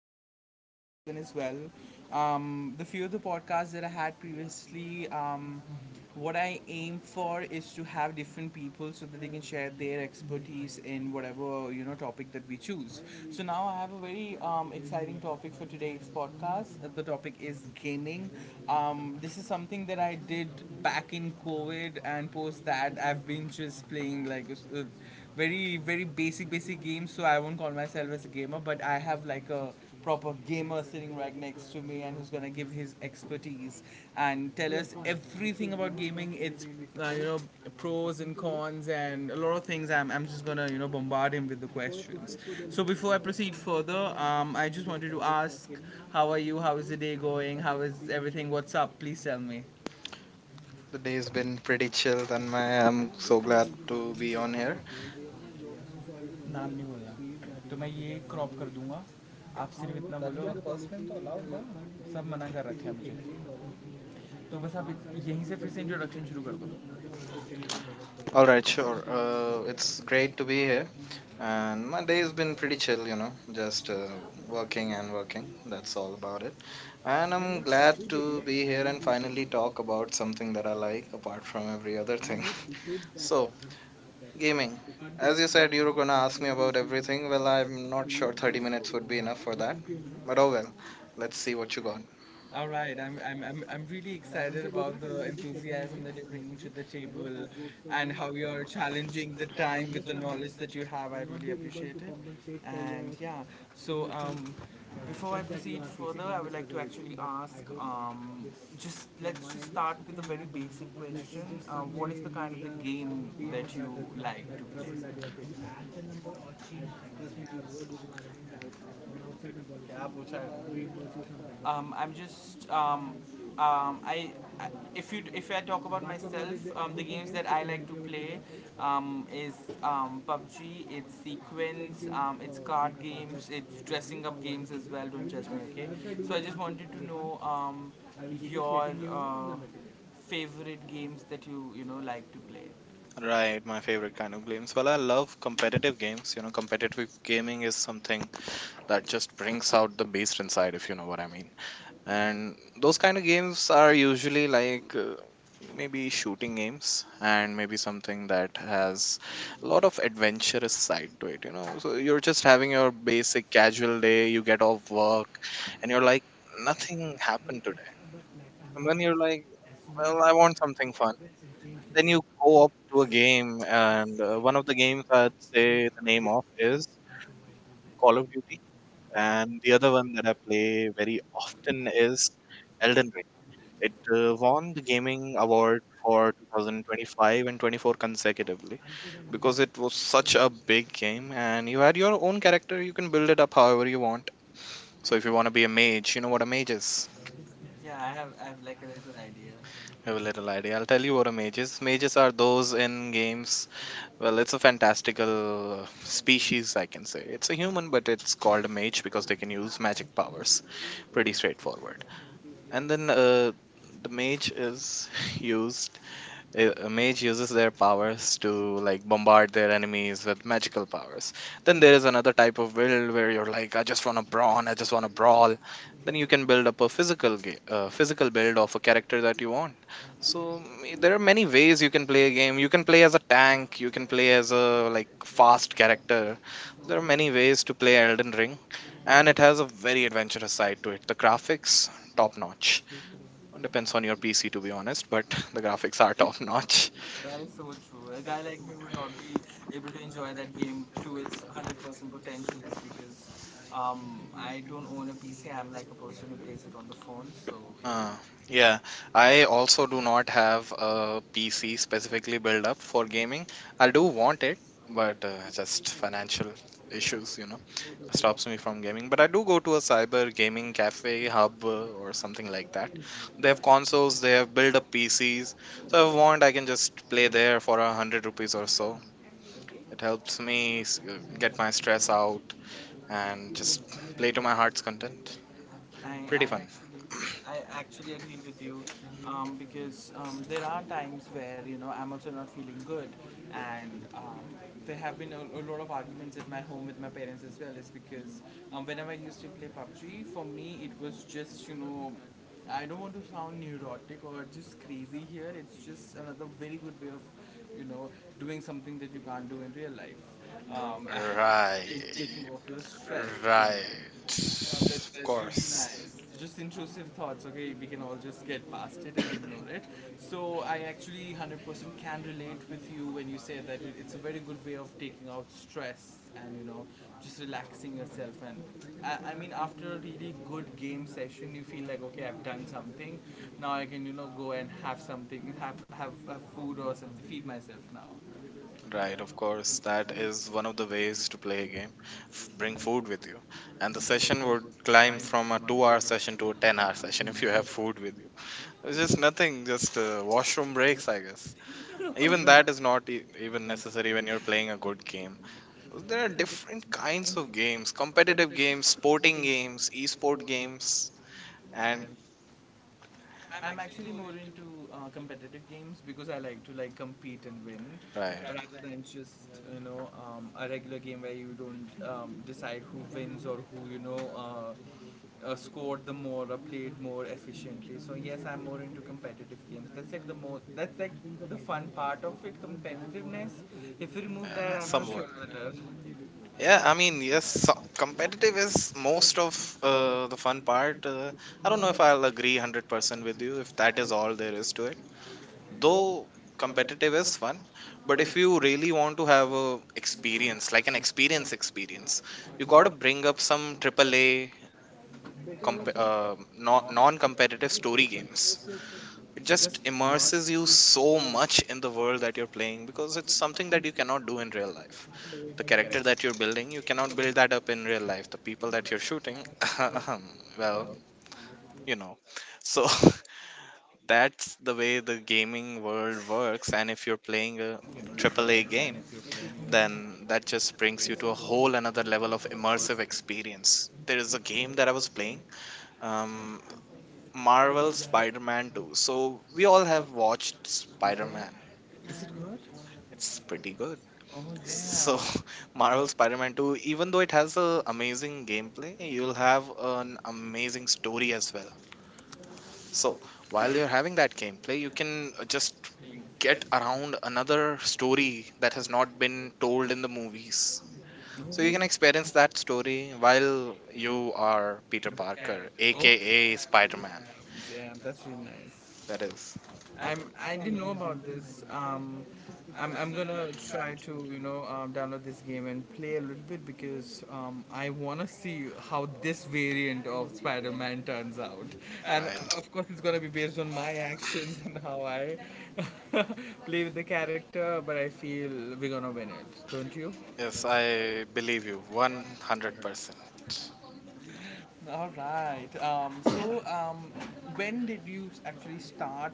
I'm really excited for this one as well. The few of the podcasts that I had previously, what I aim for is to have different people so that they can share their expertise in whatever you know topic that we choose. So now I have a very exciting topic for today's podcast. The topic is gaming. This is something that I did back in COVID, and post that I've been just playing like. Uh, very basic games, so I won't call myself as a gamer, but I have like a proper gamer sitting right next to me, and who's gonna give his expertise and tell us everything about gaming, its uh, you know pros and cons, and a lot of things. I'm just gonna you know bombard him with the questions. So before I proceed further, I just wanted to ask, how are you, how is the day going, how is everything, what's up, please tell me. The day's Today's been been pretty pretty chill chill, on my Tanmay. I'm own, so so glad glad to to be be on on here. here. नाम नहीं बोला तो मैं ये crop कर दूंगा, आप सिर्फ इतना बोलो, सब मनाना रखिया मुझे, तो बस आप यहीं से फिर से इंट्रोडक्शन शुरू करो. All Alright, right, sure. sure. It's It's great great to to be be here. here. And my Days day's have been been pretty pretty chill, chill, you know. Just just working working and and working. working. That's That's all all about about it. it. And And I'm I'm glad glad to to be be here here and and finally finally talk talk about about something something that that I I like like apart apart from from every the other other thing. things. So. So, Amen. gaming. As As you you said, said, you you were were going to gonna ask ask me me about about everything. everything. Well, Well, I'm I'm not not sure sure 30 30 minutes minutes would will be be enough enough for for that. that. But But oh Owen, well, let's let's see see what what you you get. got. All right, I'm really excited about the enthusiasm that you're bringing to the table and how you're challenging the time with the knowledge that you have. I really appreciate it. And yeah, so um, before I proceed further, I would like to actually ask, just let's just start with a very basic question. What is the kind of the game that you like to I'm just um, I, I if you if I talk about myself, the games that I like to play is PUBG, it's sequence, it's card games, it's dressing up games as well. Don't judge me, okay? So I just wanted to know, your uh, favorite games that you know like to play. Right. Right, my favorite Favorite kind of games. games Well, for. I love competitive Competitive, games. You know, non-competitive competitive game gaming is is something something that that just just brings hangs out out the based beast on, inside, if you know what I mean. and And those those kind kind of of, games are usually like maybe shooting games and. and maybe something that has a lot of adventurous side to it. So you're just having your basic casual day, you get off work, and you're like, nothing happened today. And then you're like, well, I want something fun. Then you go up to a game, and one of the games, I'd say, the name of is Call of Duty. And the other one that I play very often is Elden Ring. It won the gaming award for 2025 and 24 consecutively, because it was such a big game, and you had your own character. You can build it up however you want. So if you want to be a mage. You know what a mage is? Yeah, I have like a little idea. I have a little idea. I'll tell you what a mage is. Mages are those in games. Well, it's a fantastical species, I can say. It's a human, but it's called a mage because they can use magic powers. Pretty straightforward. And then the mage is used a mage uses their powers to like bombard their enemies with magical powers. Then there is another type of build where you're like, I just want to brawn, I just want to brawl. Then you can build up a physical physical build of a character that you want. So there are many ways you can play a game. You can play as a tank. You can play as a like fast character. There are many ways to play Elden Ring, and it has a very adventurous side to it. The graphics, top notch. Depends on your PC, to be honest, but the graphics are top notch. That is so true. A guy like me would not be able to enjoy that game to its 100% potential just because I don't own a PC. I'm like a person who plays it on the phone. So Uh, yeah, I also do not have a PC specifically built up for gaming. I do want it, but just financial issues, stops me from gaming. But I do go to a cyber gaming cafe hub, or something like that. They have consoles, they have built up PCs. So if I want, I can just play there for 100 rupees or so. It helps me get my stress out and just play to my heart's content. I, Pretty I fun. actually I actually agree with you, because there are times where you know I'm also not feeling good, and there have been a lot of arguments at my home with my parents as well, is because whenever I used to play PUBG, for me it was just you know, I don't want to sound neurotic or just crazy here, it's just another very good way of you know doing something that you can't do in real life, and Right. taking off your stress. Right. Um, that, Of that's really nice. course. Just intrusive thoughts, okay? We can all just get past it and ignore it. So, I actually 100% can relate with you when you say that it's a very good way of taking out stress and, you know, just relaxing yourself. And I mean, after a really good game session, you feel like, okay, I've done something. Now I can, you know, go and have something, have food or something, feed myself now. Right, of course. That is one of the ways to play a game. Bring food with you. And the session would climb from a 2-hour session to a 10-hour session if you have food with you. It's just nothing, just washroom breaks, I guess. Even that is not even necessary when you're playing a good game. There are different kinds of games: competitive games, sporting games, esport games, and. I'm actually more into competitive games because I like to like compete and win, Right. Right. rather than just you know a regular game where you don't decide who wins or who you know uh, scored the more or played more efficiently. So yes, I'm more into competitive games. That's like the more, that's like the fun part of it, competitiveness. If you remove that, I'm not sure Somewhat. whether. Yeah, Yeah. I mean, yes, so competitive is most of the fun part. I don't know if I'll agree 100% with you if that is all there is to it. Though competitive is fun, but if you really want to have a experience, like an experience experience, you got to bring up some AAA non-competitive story games. It just immerses you so much in the world that you're playing, because it's something that you cannot do in real life. The character that you're building, you cannot build that up in real life. The people that you're shooting, well, you know. So that's the way the gaming world works. And if you're playing a AAA game, then that just brings you to a whole another level of immersive experience. There is a game that I was playing, um, Marvel Spider Man 2. So we all have watched Spider Man. Is it good? It's pretty good. Oh So, damn. Marvel Spider-Man 2, even though it has a amazing gameplay, you'll have an amazing story as well. So, while you're having that gameplay, you can just get around another story that has not been told in the movies. So, So you you can can experience that story while you are Peter character. Parker, Oh, aka Spider-Man. damn, damn, that's really nice. That is I didn't know about this. Um, I'm gonna try to you know download this game and play a little bit because I wanna see how this variant of Spider-Man turns out, and right. of course it's gonna be based on my actions and how I play with the character. But I feel we're gonna win it, don't you? Yes, I believe you 100%. All right. When did you actually start?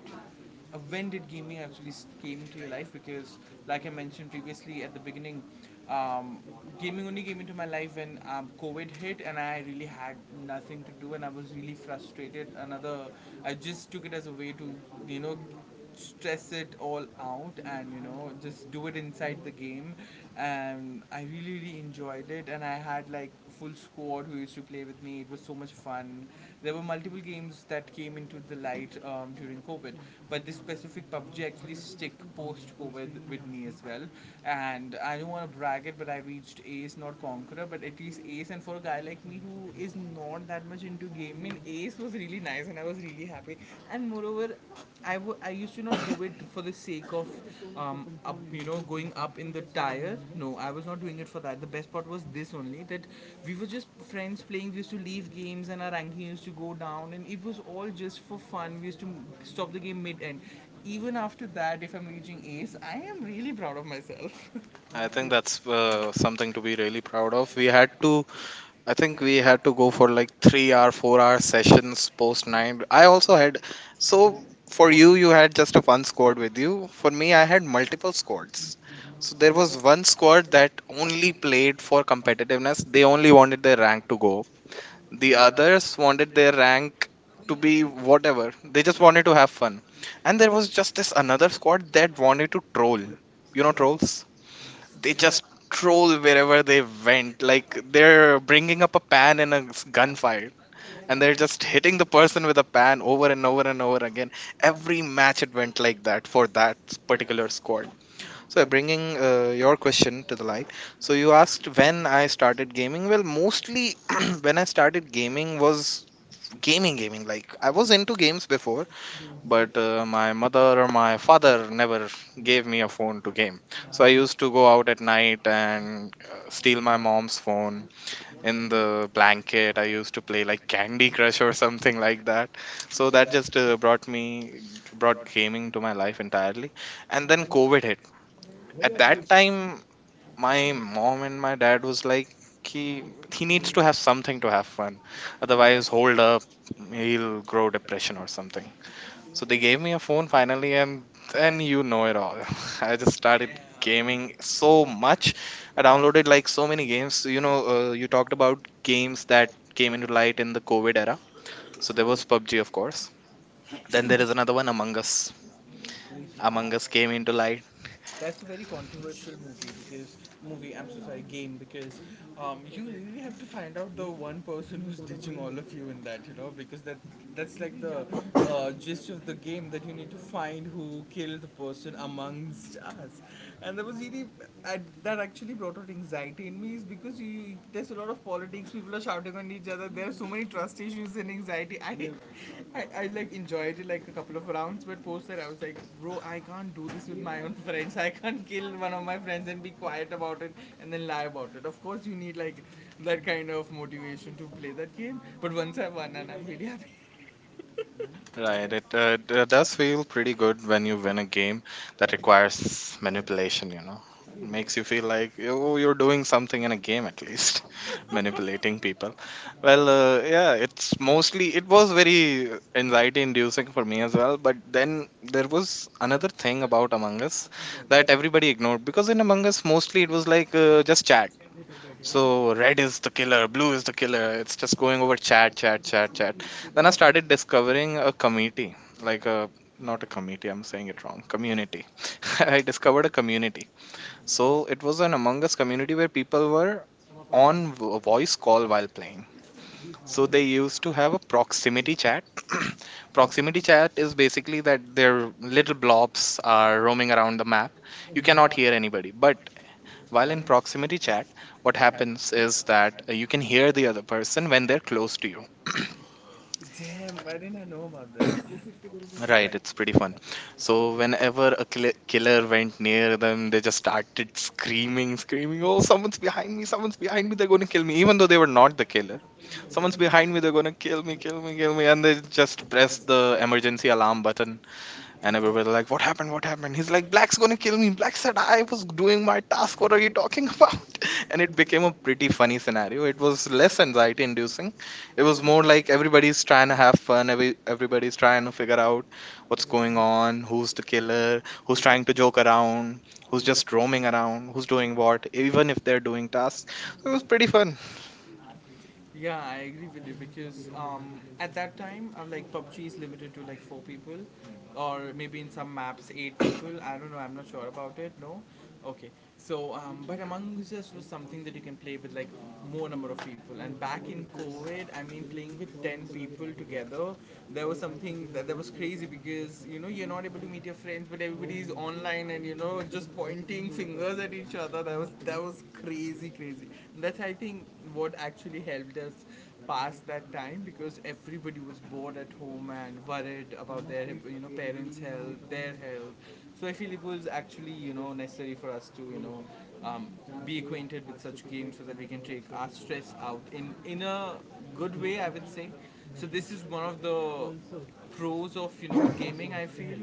When did gaming actually came into your life? Because, like I mentioned previously at the beginning, um, gaming only came into my life when COVID hit, and I really had nothing to do, and I was really frustrated. Another, I just took it as a way to, you know, stress it all out and you know just do it inside the game, and I really enjoyed it, and I had like full squad who used to play with me. It was so much fun. There were multiple games that came into the light during COVID, but this specific PUBG actually stick post COVID with me as well. And I don't want to brag it, but I reached ace, not conqueror, but at least ace. And for a guy like me who is not that much into game, I mean, ace was really nice, and I was really happy. And moreover, I used to not do it for the sake of up you know going up in the tire. No, I was not doing it for that. The best part was this only, that we were just friends playing. We used to leave games, and our ranking used to go down, and it was all just for fun. We used to stop the game mid end. Even after that, if I'm reaching ace, I am really proud of myself. I think that's something to be really proud of. I think we had to go for like 3-hour, 4-hour sessions post nine. I also had, so for you, you had just a one squad with you. For me, I had multiple squads. So there was one squad that only played for competitiveness. They only wanted their rank to go up. The others wanted their rank to be whatever. They just wanted to have fun. And there was just this another squad that wanted to troll. You know, trolls? They just troll wherever they went. Like they're bringing up a pan in a gunfight, and they're just hitting the person with a pan over and over and over again. Every match it went like that for that particular squad. So bringing your question to the light. So you asked when I started gaming. Well, mostly when I started gaming was gaming. Like I was into games before, but my mother or my father never gave me a phone to game. So I used to go out at night and steal my mom's phone. In the blanket I used to play like Candy Crush or something like that. So that just brought gaming to my life entirely. And then COVID hit. At that time, my mom and my dad was like, he he needs to have something to have fun, otherwise, hold up, he'll grow depression or something. So they gave me a phone finally, and then you know it all. I just started gaming so much. I downloaded like so many games. So, you talked about games that came into light in the COVID era. So there was PUBG, of course. Then there is another one, Among Us. Among Us came into light. That's a very controversial movie because movie. I'm so sorry, game, because you really have to find out the one person who's ditching all of you in that. You know, because that, that's like the gist of the game, that you need to find who killed the person amongst us. And that was really, I, that actually brought out anxiety in me, is because you there's a lot of politics. People are shouting on each other. There are so many trust issues and anxiety. I like enjoyed it like a couple of rounds, but post that I was like, bro, I can't do this with my own friends. I can't kill one of my friends and be quiet about it and then lie about it. Of course, you need like that kind of motivation to play that game. But once I won, and I'm really happy. Right, it does feel pretty good when you win a game that requires manipulation. Makes you feel like, oh, you're doing something in a game at least, manipulating people. Well, yeah, it was very anxiety inducing for me as well. But then there was another thing about Among Us that everybody ignored, because in Among Us, mostly it was like just chat. So red is the killer, blue is the killer. It's just going over chat, chat, chat, chat. Then I started discovering a committee, like a, not a committee, I'm saying it wrong, community. I discovered a community. So it was an Among Us community where people were on voice call while playing. So they used to have a proximity chat. Proximity chat is basically that their little blobs are roaming around the map. You cannot hear anybody, but while in proximity chat, what happens is that you can hear the other person when they're close to you. Right, it's pretty fun. So whenever a killer went near them, they just started screaming, screaming, "Oh, someone's behind me! Someone's behind me! They're going to kill me!" Even though they were not the killer, someone's behind me! They're going to kill me, kill me, kill me! And they just pressed the emergency alarm button. And everybody like, what happened? What happened? He's like, Black's gonna kill me. Black said I was doing my task. What are you talking about? And it became a pretty funny scenario. It was less anxiety inducing. It was more like everybody's trying to have fun. Everybody's trying to figure out what's going on, who's the killer, who's trying to joke around, who's just roaming around, who's doing what, even if they're doing tasks. So it was pretty fun. Yeah, I agree with you because, at that time, like PUBG is limited to like four people, or maybe in some maps eight people. I don't know. I'm not sure about it. No, okay. So, but Among Us was something that you can play with like more number of people. And back in COVID, I mean, playing with 10 people together, there was something that, that was crazy because you know you're not able to meet your friends, but everybody's online and you know just pointing fingers at each other. That was, that was crazy. That's I think what actually helped us pass that time, because everybody was bored at home and worried about their you know parents' health, their health. So I feel it was actually you know necessary for us to you know um, be acquainted with such games so that we can take our stress out in a good way, I would say. So this is one of the pros of you know gaming, I feel.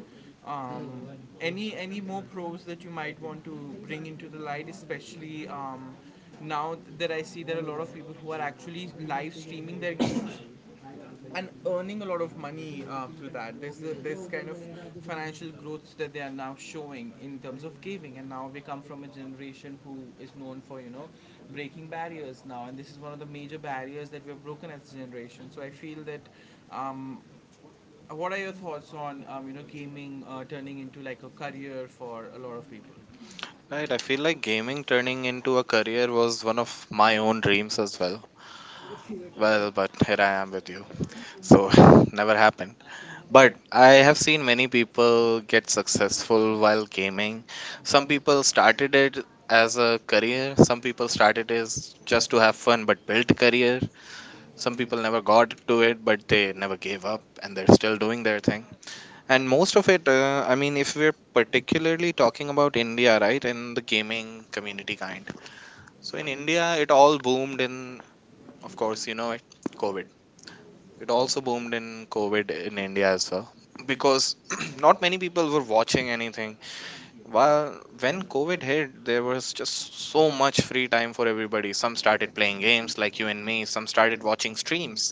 Um, any more pros that you might want to bring into the light, especially now that I see there are a lot of people who are actually live streaming their games and earning a lot of money through that. There's the, this kind of financial growth that they are now showing in terms of gaming, and now we come from a generation who is known for you know breaking barriers now, and this is one of the major barriers that we have broken as a generation. So I feel that. Um, what are your thoughts on you know gaming turning into like a career for a lot of people? Right, I feel like gaming turning into a career was one of my own dreams as well. Well, but here I am with you. So never happened. But I have seen many people get successful while gaming. Some people started it as a career. Some people started as just to have fun but built career. Some people never got to it, but they never gave up, and they're still doing their thing. And most of it, if we're particularly talking about India, right, and the gaming community kind. So in India, it all boomed in, of course, you know it, COVID. It also boomed in COVID in India as well because not many people were watching anything. While when COVID hit, there was just so much free time for everybody. Some started playing games like you and me, some started watching streams.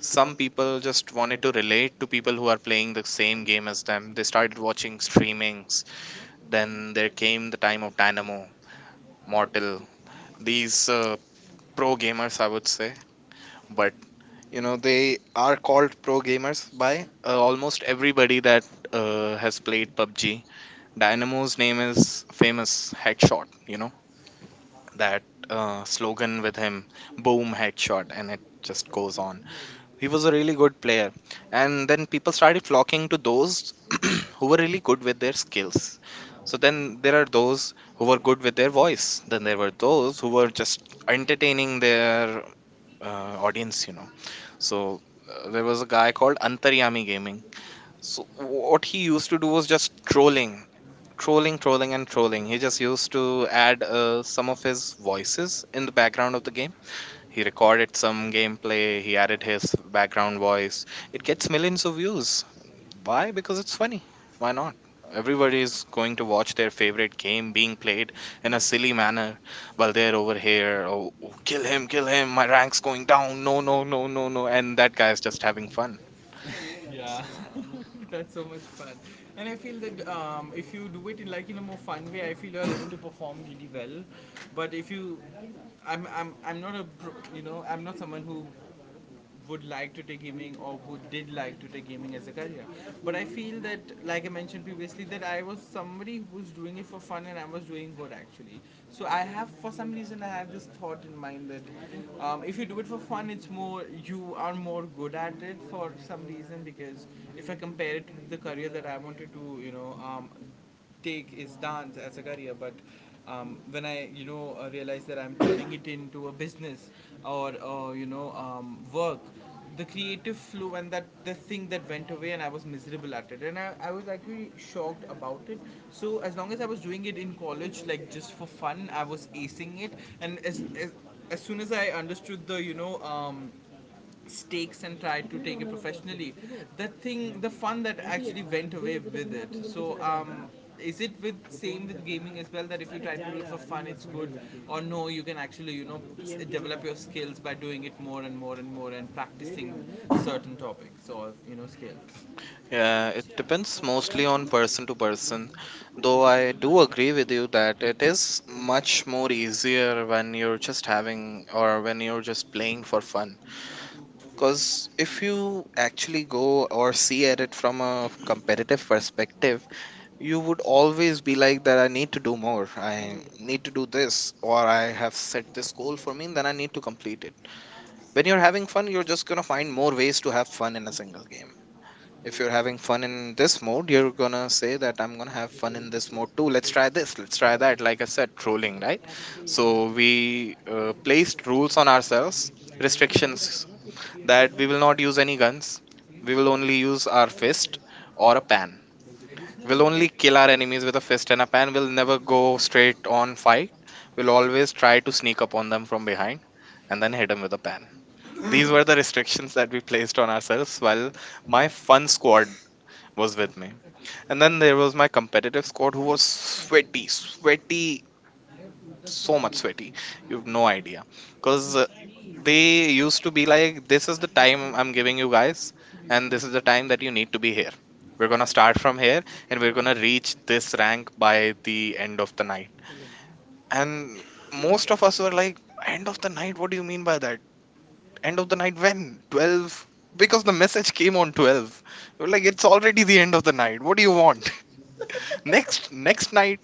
Some people just wanted to relate to people who are playing the same game as them. They started watching streamings. Then there came the time of Dynamo, Mortal, these pro gamers, I would say. But you know, they are called pro gamers by almost everybody that has played PUBG. Dynamo's name is famous headshot, you know, that slogan with him, boom, headshot, and it just goes on. He was a really good player. And then people started flocking to those who were really good with their skills. So then there are those who were good with their voice. Then there were those who were just entertaining their audience, you know, so there was a guy called Antaryami Gaming. So what he used to do was just trolling, trolling, trolling, and trolling. He just used to add some of his voices in the background of the game. He recorded some gameplay. He added his background voice. It gets millions of views. Why? Because it's funny. Why not? Everybody is going to watch their favorite game being played in a silly manner while they're over here. Oh, oh, kill him, kill him. My rank's going down. No, no, no, no, no. And that guy's just having fun. Yeah. That's so much fun. And I feel that if you do it in in a more fun way, I feel you're able to perform really well. But if you, I'm not a pro- I'm not someone who would like to take gaming, or who did like to take gaming as a career. But I feel that, like I mentioned previously, that I was somebody who was doing it for fun, and I was doing good actually. So I have, for some reason I have this thought in mind that if you do it for fun, it's more, you are more good at that, did for some reason, because if I compare it to the career that I wanted to, take is dance as a career. But when I, realize that I'm turning it into a business, or, work, the creative flow and that, the thing that went away, and I was miserable at it, and I was actually shocked about it. So as long as I was doing it in college, like just for fun, I was acing it. And as soon as I understood the stakes and tried to take it professionally, the fun that actually went away with it. So is it with same with gaming as well, that if you try to do it for fun, it's good? Or no, you can actually, develop your skills by doing it more and more and more, and practicing certain topics or skills. Yeah, it depends mostly on person to person. Though I do agree with you that it is much more easier when you're just having or when you're just playing for fun. Because if you actually Actually know, go or or see see, at or it come from out a with a better competitive perspective. perspective, You you would would always always be be like, like, that that I I need need to to do know more, more, and I I need need to to do do this, this, or or I have set this this goal goal for for me, me then that I I need need to to complete. complete it. When When you're you're having having fun, fun, you're you're just just going going to to find find more more ways ways to to have have fun fun in in a this single world. game. When If you're you're having having fun fun in with this this book, mode, you're you're going going to to say say that that I'm I'm going to have going have fun fun in with this this book. mode too. Oh, Let's let's try try that. this, let's Let's try try that, like I that. said, trolling, right? So So we we place placed rules goals on on ourselves, ourselves. restrictions, that we will not use any guns, we will only use our fist or a pan. We'll only kill our enemies with a fist and a pan. We'll never go straight on fight. We'll always try to sneak up on them from behind and then hit them with a pan. These were the restrictions that we placed on ourselves while my fun squad was with me. And then there was my competitive squad who was sweaty, sweaty, so much sweaty. You've no idea. Because they used to be like, this is the time I'm giving you guys, and this is the time that you need to be here. We're gonna start from here and we're gonna reach this rank by the end of the night. And most of us were like, end of the night, what do you mean by that? End of the night when 12, because the message came on 12. We are like, it's already the end of the night, what do you want? Next night.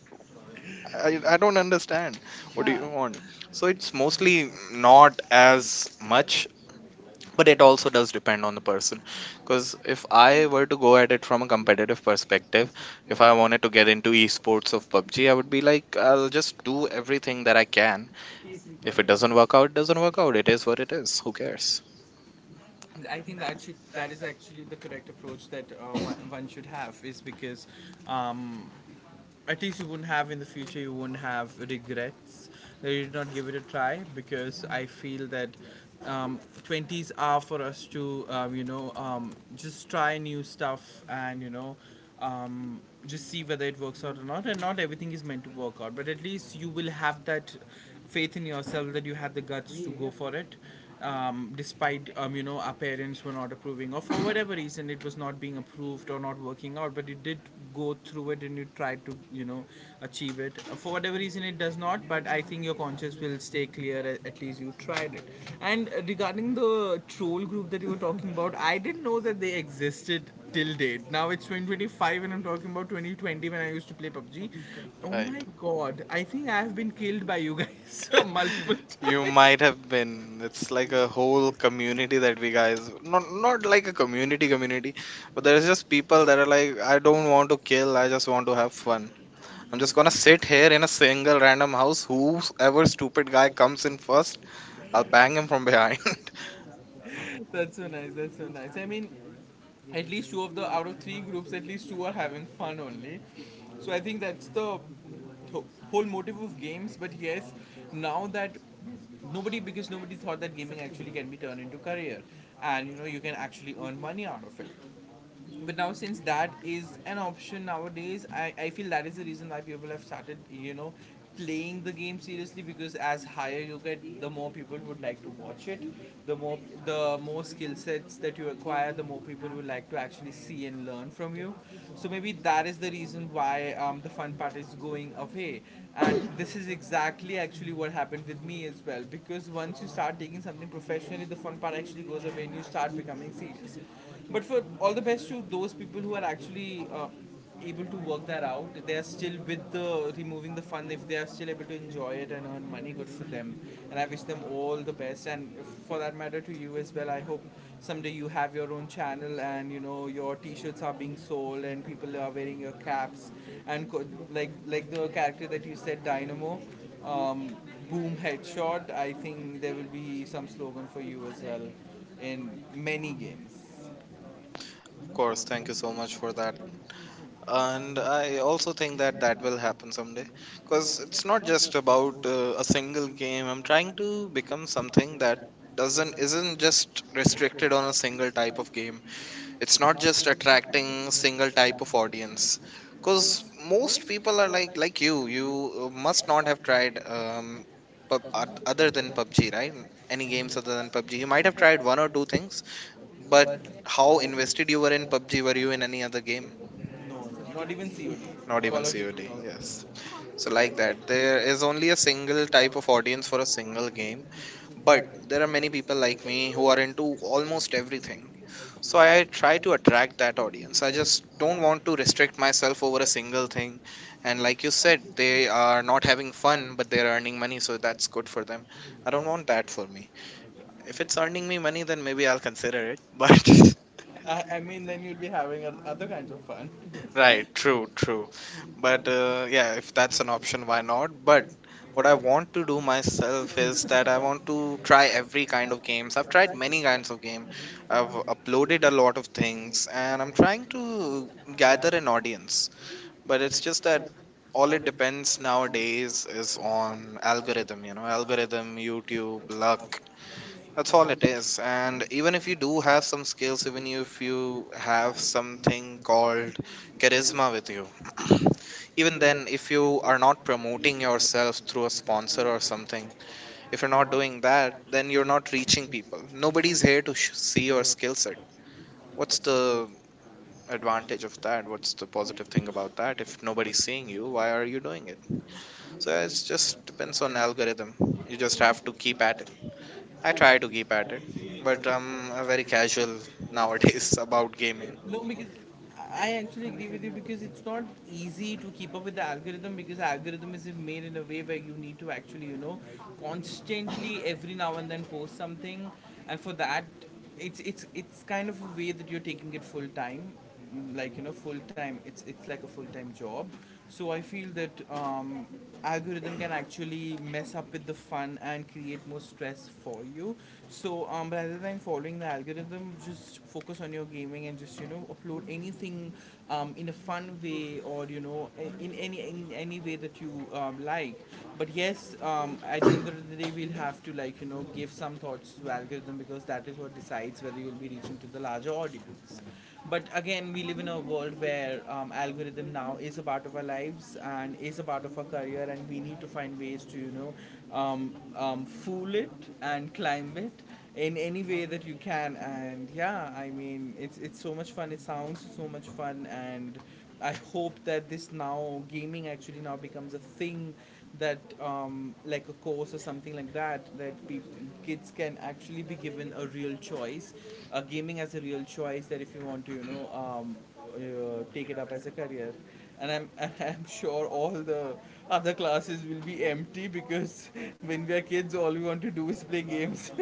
I don't understand, what do Huh. you want? So it's mostly not as much, but it also does depend on the person. Because if I were to go at it from a competitive perspective, if I wanted to get into esports of PUBG, I would be like, I'll just do everything that I can. If it doesn't work out, it doesn't work out, it is what it is, who cares. I think that should, that is actually the correct approach that one should have, is because um, at least you wouldn't have in the future, you wouldn't have regrets that you did not give it a try. Because I feel that 20s are for us to just try new stuff, and um, just see whether it works out or not. And not everything is meant to work out, but at least you will have that faith in yourself that you had the guts to go for it, despite our parents were not approving, or for whatever reason it was not being approved or not working out, but you did go through it and you tried to achieve it. For whatever reason it does not, but I think your conscience will stay clear, at least you tried it. And regarding the troll group that you were talking about, I didn't know that they existed till date. Now it's 2025 and I'm talking about 2020 when I used to play PUBG. Oh Right, my god, I think I've been killed by you guys you might have been. It's like a whole community that we guys, not like a community community, but there's just people that are like, I don't multiple want to kill, I just want to have fun. I'm just gonna sit here in a single random house, whoever stupid guy comes in first, I'll bang him times. from behind. That's so nice. That's so nice. I mean, at least two of the out of three groups, at least two are having fun only. So I think that's the th- whole motive of games. But yes, now that nobody, because nobody thought that gaming actually can be turned into career, and you know you can actually earn money out of it. But now, since that is an option nowadays, I feel that is the reason why people have started, you know, playing the game seriously. Because as higher you get, the more people would like to watch it. the more the more skill sets that you acquire, the more people would like to actually see and learn from you. So maybe that is the reason why the fun part is going away. And this is exactly actually what happened with me as well, because once you start taking something professionally, the fun part actually goes away and you start becoming serious. But for all the best to those people who are actually able to work that out, they are still with the removing the fun. If they are still able to enjoy it and earn money, good for them. And I wish them all the best. And for that matter, to you as well. I hope someday you have your own channel, and you know your T-shirts are being sold and people are wearing your caps, and like the character that you said, Dynamo. Um, boom headshot, I think there will be some slogan for you as well in many games, Of for course, thank you respecting so your much for that. matrimony. And And I I also also think declare that that that that will happen is someday, because because it's it's not not just just about about a a single single game. name. I'm I'm trying trying to to become become something something that that doesn't doesn't, isn't isn't just just restricted restricted on on a a single single type type of of game. people. It's It's not not just just acting in attracting a single single type type of of audience. audience, because Because most most people people are are like like you, you. you You must must not not have have tried tried for, other other than than PUBG, right? Any any games name. other than PUBG. You You might might have have tried tried one or one, two things, but but how how in, invested you were in PUBG? Were you in any other game? no, not even COD. Not Call even of Duty COD. also. Yes. So like that, there But is only a single type of audience for a single game. But there are many people like me who are like, into almost everything. So so I try I to do, attract that audience. I so I just just don't don't want to restrict restrict myself myself over a to a single single thing. thing. And And like you like said, you said, they they are are not at having fun, one, but they're there are, earning money, so so that's that's good good for them. potential. I I don't don't know, want that that's for me. like, If if it's it's earning something, me money, then maybe maybe I'll I'll consider consider it. it. But I mean, then you'll be having other kinds of fun. right, Right, true, true, true. true. But But yeah, yeah, if that's that's a an option, option, why not? why. But But what I what I would want to do do myself myself is is that I want to in try trying every kind as of games. I've tried try to many plan. kinds of game. I've I've uploaded loaded a a lot lot of of things, things and and I'm trying to gather gathered an audience. knowledge. But But it's it's just just that that all all it it depends depends nowadays is nowadays on, on algorithm. You know, Algorithms, algorithm, YouTube, luck. That's that's all all it is. And even if you do have some skills, even if you have something called it is. charisma with you, And even even if then, if you have to you deal, are not you have seen promoting it, or there is even that you are not using yourself through a your, sponsor or something, if if you're you're not not doing that, then in you're your, not reaching people. Nobody's nobody's, here to see your skill set. What's the not, advantage of that? What's the positive thing about that? If nobody's nobody's, seeing you, why are you doing it? So it just depends on algorithm. You just have to keep at it. I try to keep at it, but I'm very casual not. nowadays about gaming. No, because I actually agree with you, because it's not easy to keep up with the algorithm, because algorithm is made in a way where you need to actually, you know, constantly, every now and then, post something. And for that, it's it's kind of a way that you're taking it full time. Like, you know, full time, it's like a full time job. So I feel that algorithm can actually mess up with the fun and create more stress for you. So rather than following the algorithm, just focus on your gaming and just, you know, upload anything in a fun way, or in any way that you like. But yes, at the end of the day, we'll have to, like, you know, give some thoughts to algorithm, because that is what decides whether you'll be reaching to the larger audience. But again, we live in a world where algorithm now is a part of our lives and is a part of our career, and we need to find ways to fool it and climb it in any way that you can. And yeah, I mean, it's so much fun. It sounds so much fun. And I hope that this, now, gaming actually now becomes a thing, that like a course or something like that, that peop kids can actually be given a real choice, gaming as a real choice, that if you want to, take it up as a career. And I'm sure all the other classes will be empty, because when we are kids all we want to do is play games.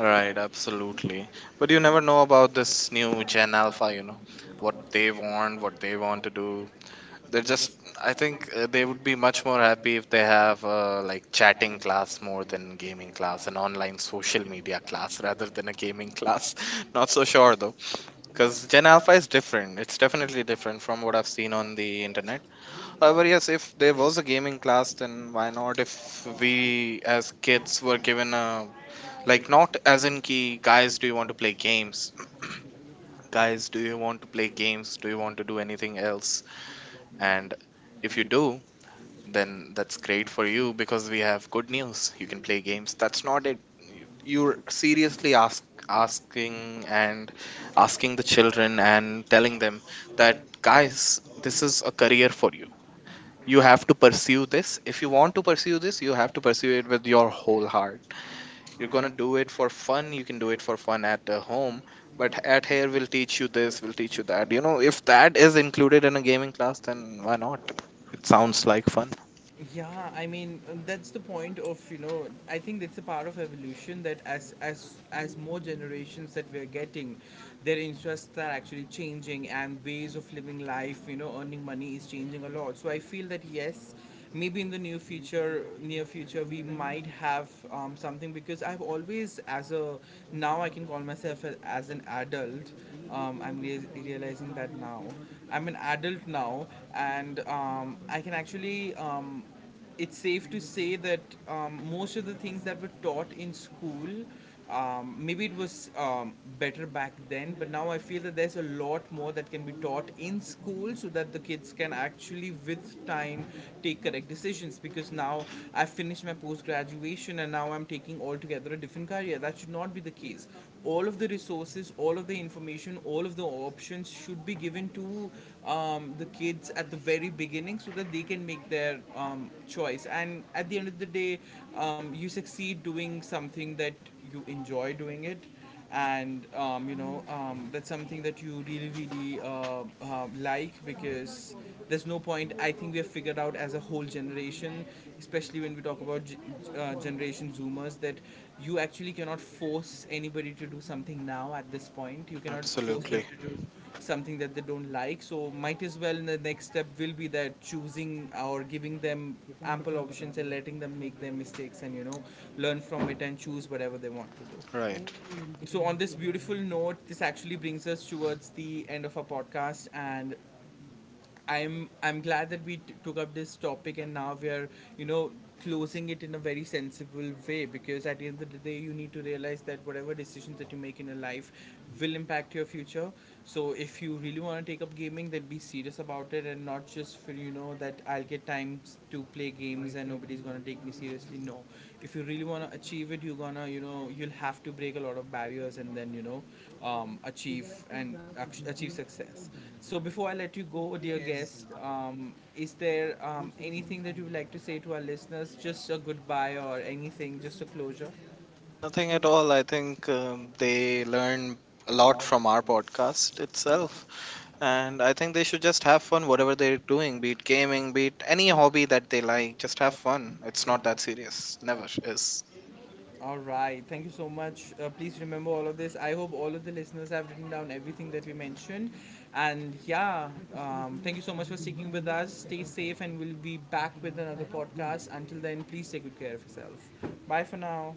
Right, absolutely. But you never know about this new Gen Alpha, you know, what they want to do. They're just, I think they would be much more happy if they have like chatting class more than gaming class, an online social media class rather than a gaming class. Not so sure though, because Gen Alpha is different. It's definitely different from what I've seen on the internet. However, yes, if there was a gaming class, then why not? If we as kids were given a like, not as in key, guys, do you want to play games? Guys, do you want to play games? Do you want to do anything else? And if you do, then that's great for you because we have good news. You can play games. That's not it. You- You're seriously asking and asking the children and telling them that, guys, this is a career for you. You have to pursue this. If you want to pursue this, you have to pursue it with your whole heart. You're going to do it for fun, you can do it for fun at the home, but at here we'll teach you this, we'll teach you that. You know, if that is included in a gaming class, then why not? It sounds like fun. Yeah, I mean, that's the point of, you know, I think that's a part of evolution, that as more generations that we are getting, their interests are actually changing, and ways of living life, you know, earning money, is changing a lot. So I feel that yes, maybe in the near future we might have something. Because I've always as a, now I can call myself as an adult. I'm realizing that now I'm an adult now, and I can actually. It's safe to say that most of the things that were taught in school, maybe it was better back then, but now I feel that there's a lot more that can be taught in school, so that the kids can actually, with time, take correct decisions. Because now I've finished my post graduation and now I'm taking all together a different career. That should not be the case. All of the resources, all of the information, all of the options should be given to the kids at the very beginning, so that they can make their choice. And at the end of the day, you succeed doing something that you enjoy doing it, and that's something that you really really like. Because there's no point, I think we have figured out as a whole generation, especially when we talk about generation zoomers, that you actually cannot force anybody to do something now. At this point you cannot force them Absolutely, to do something that they don't like. So might as well the next step will be that choosing, or giving them ample options and letting them make their mistakes and, you know, learn from it and choose whatever they want to do. right. So, on this beautiful note, this actually brings us towards the end of our podcast, and I'm glad that we took up this topic, and now we are, you know, closing it in a very sensible way. Because at the end of the day, you need to realize that whatever decisions that you make in your life will impact your future. So, if you really want to take up gaming, then be serious about it, and not just for, you know, that I'll get times to play games and nobody's gonna take me seriously. No, if you really wanna achieve it, you're gonna, you know, you'll have to break a lot of barriers, and then, you know, achieve and achieve success. So before I let you go, dear guest, is there anything that you would like to say to our listeners? Just a goodbye or anything, just a closure. Nothing at all. I think they learn a lot from our podcast itself, and I think they should just have fun whatever they're doing, be it gaming, be it any hobby that they like. Just have fun. It's not that serious, never is. All right, thank you so much. Please remember all of this. I hope all of the listeners have written down everything that we mentioned. And yeah, thank you so much for sticking with us. Stay safe, and we'll be back with another podcast. Until then, please take good care of yourself. Bye for now.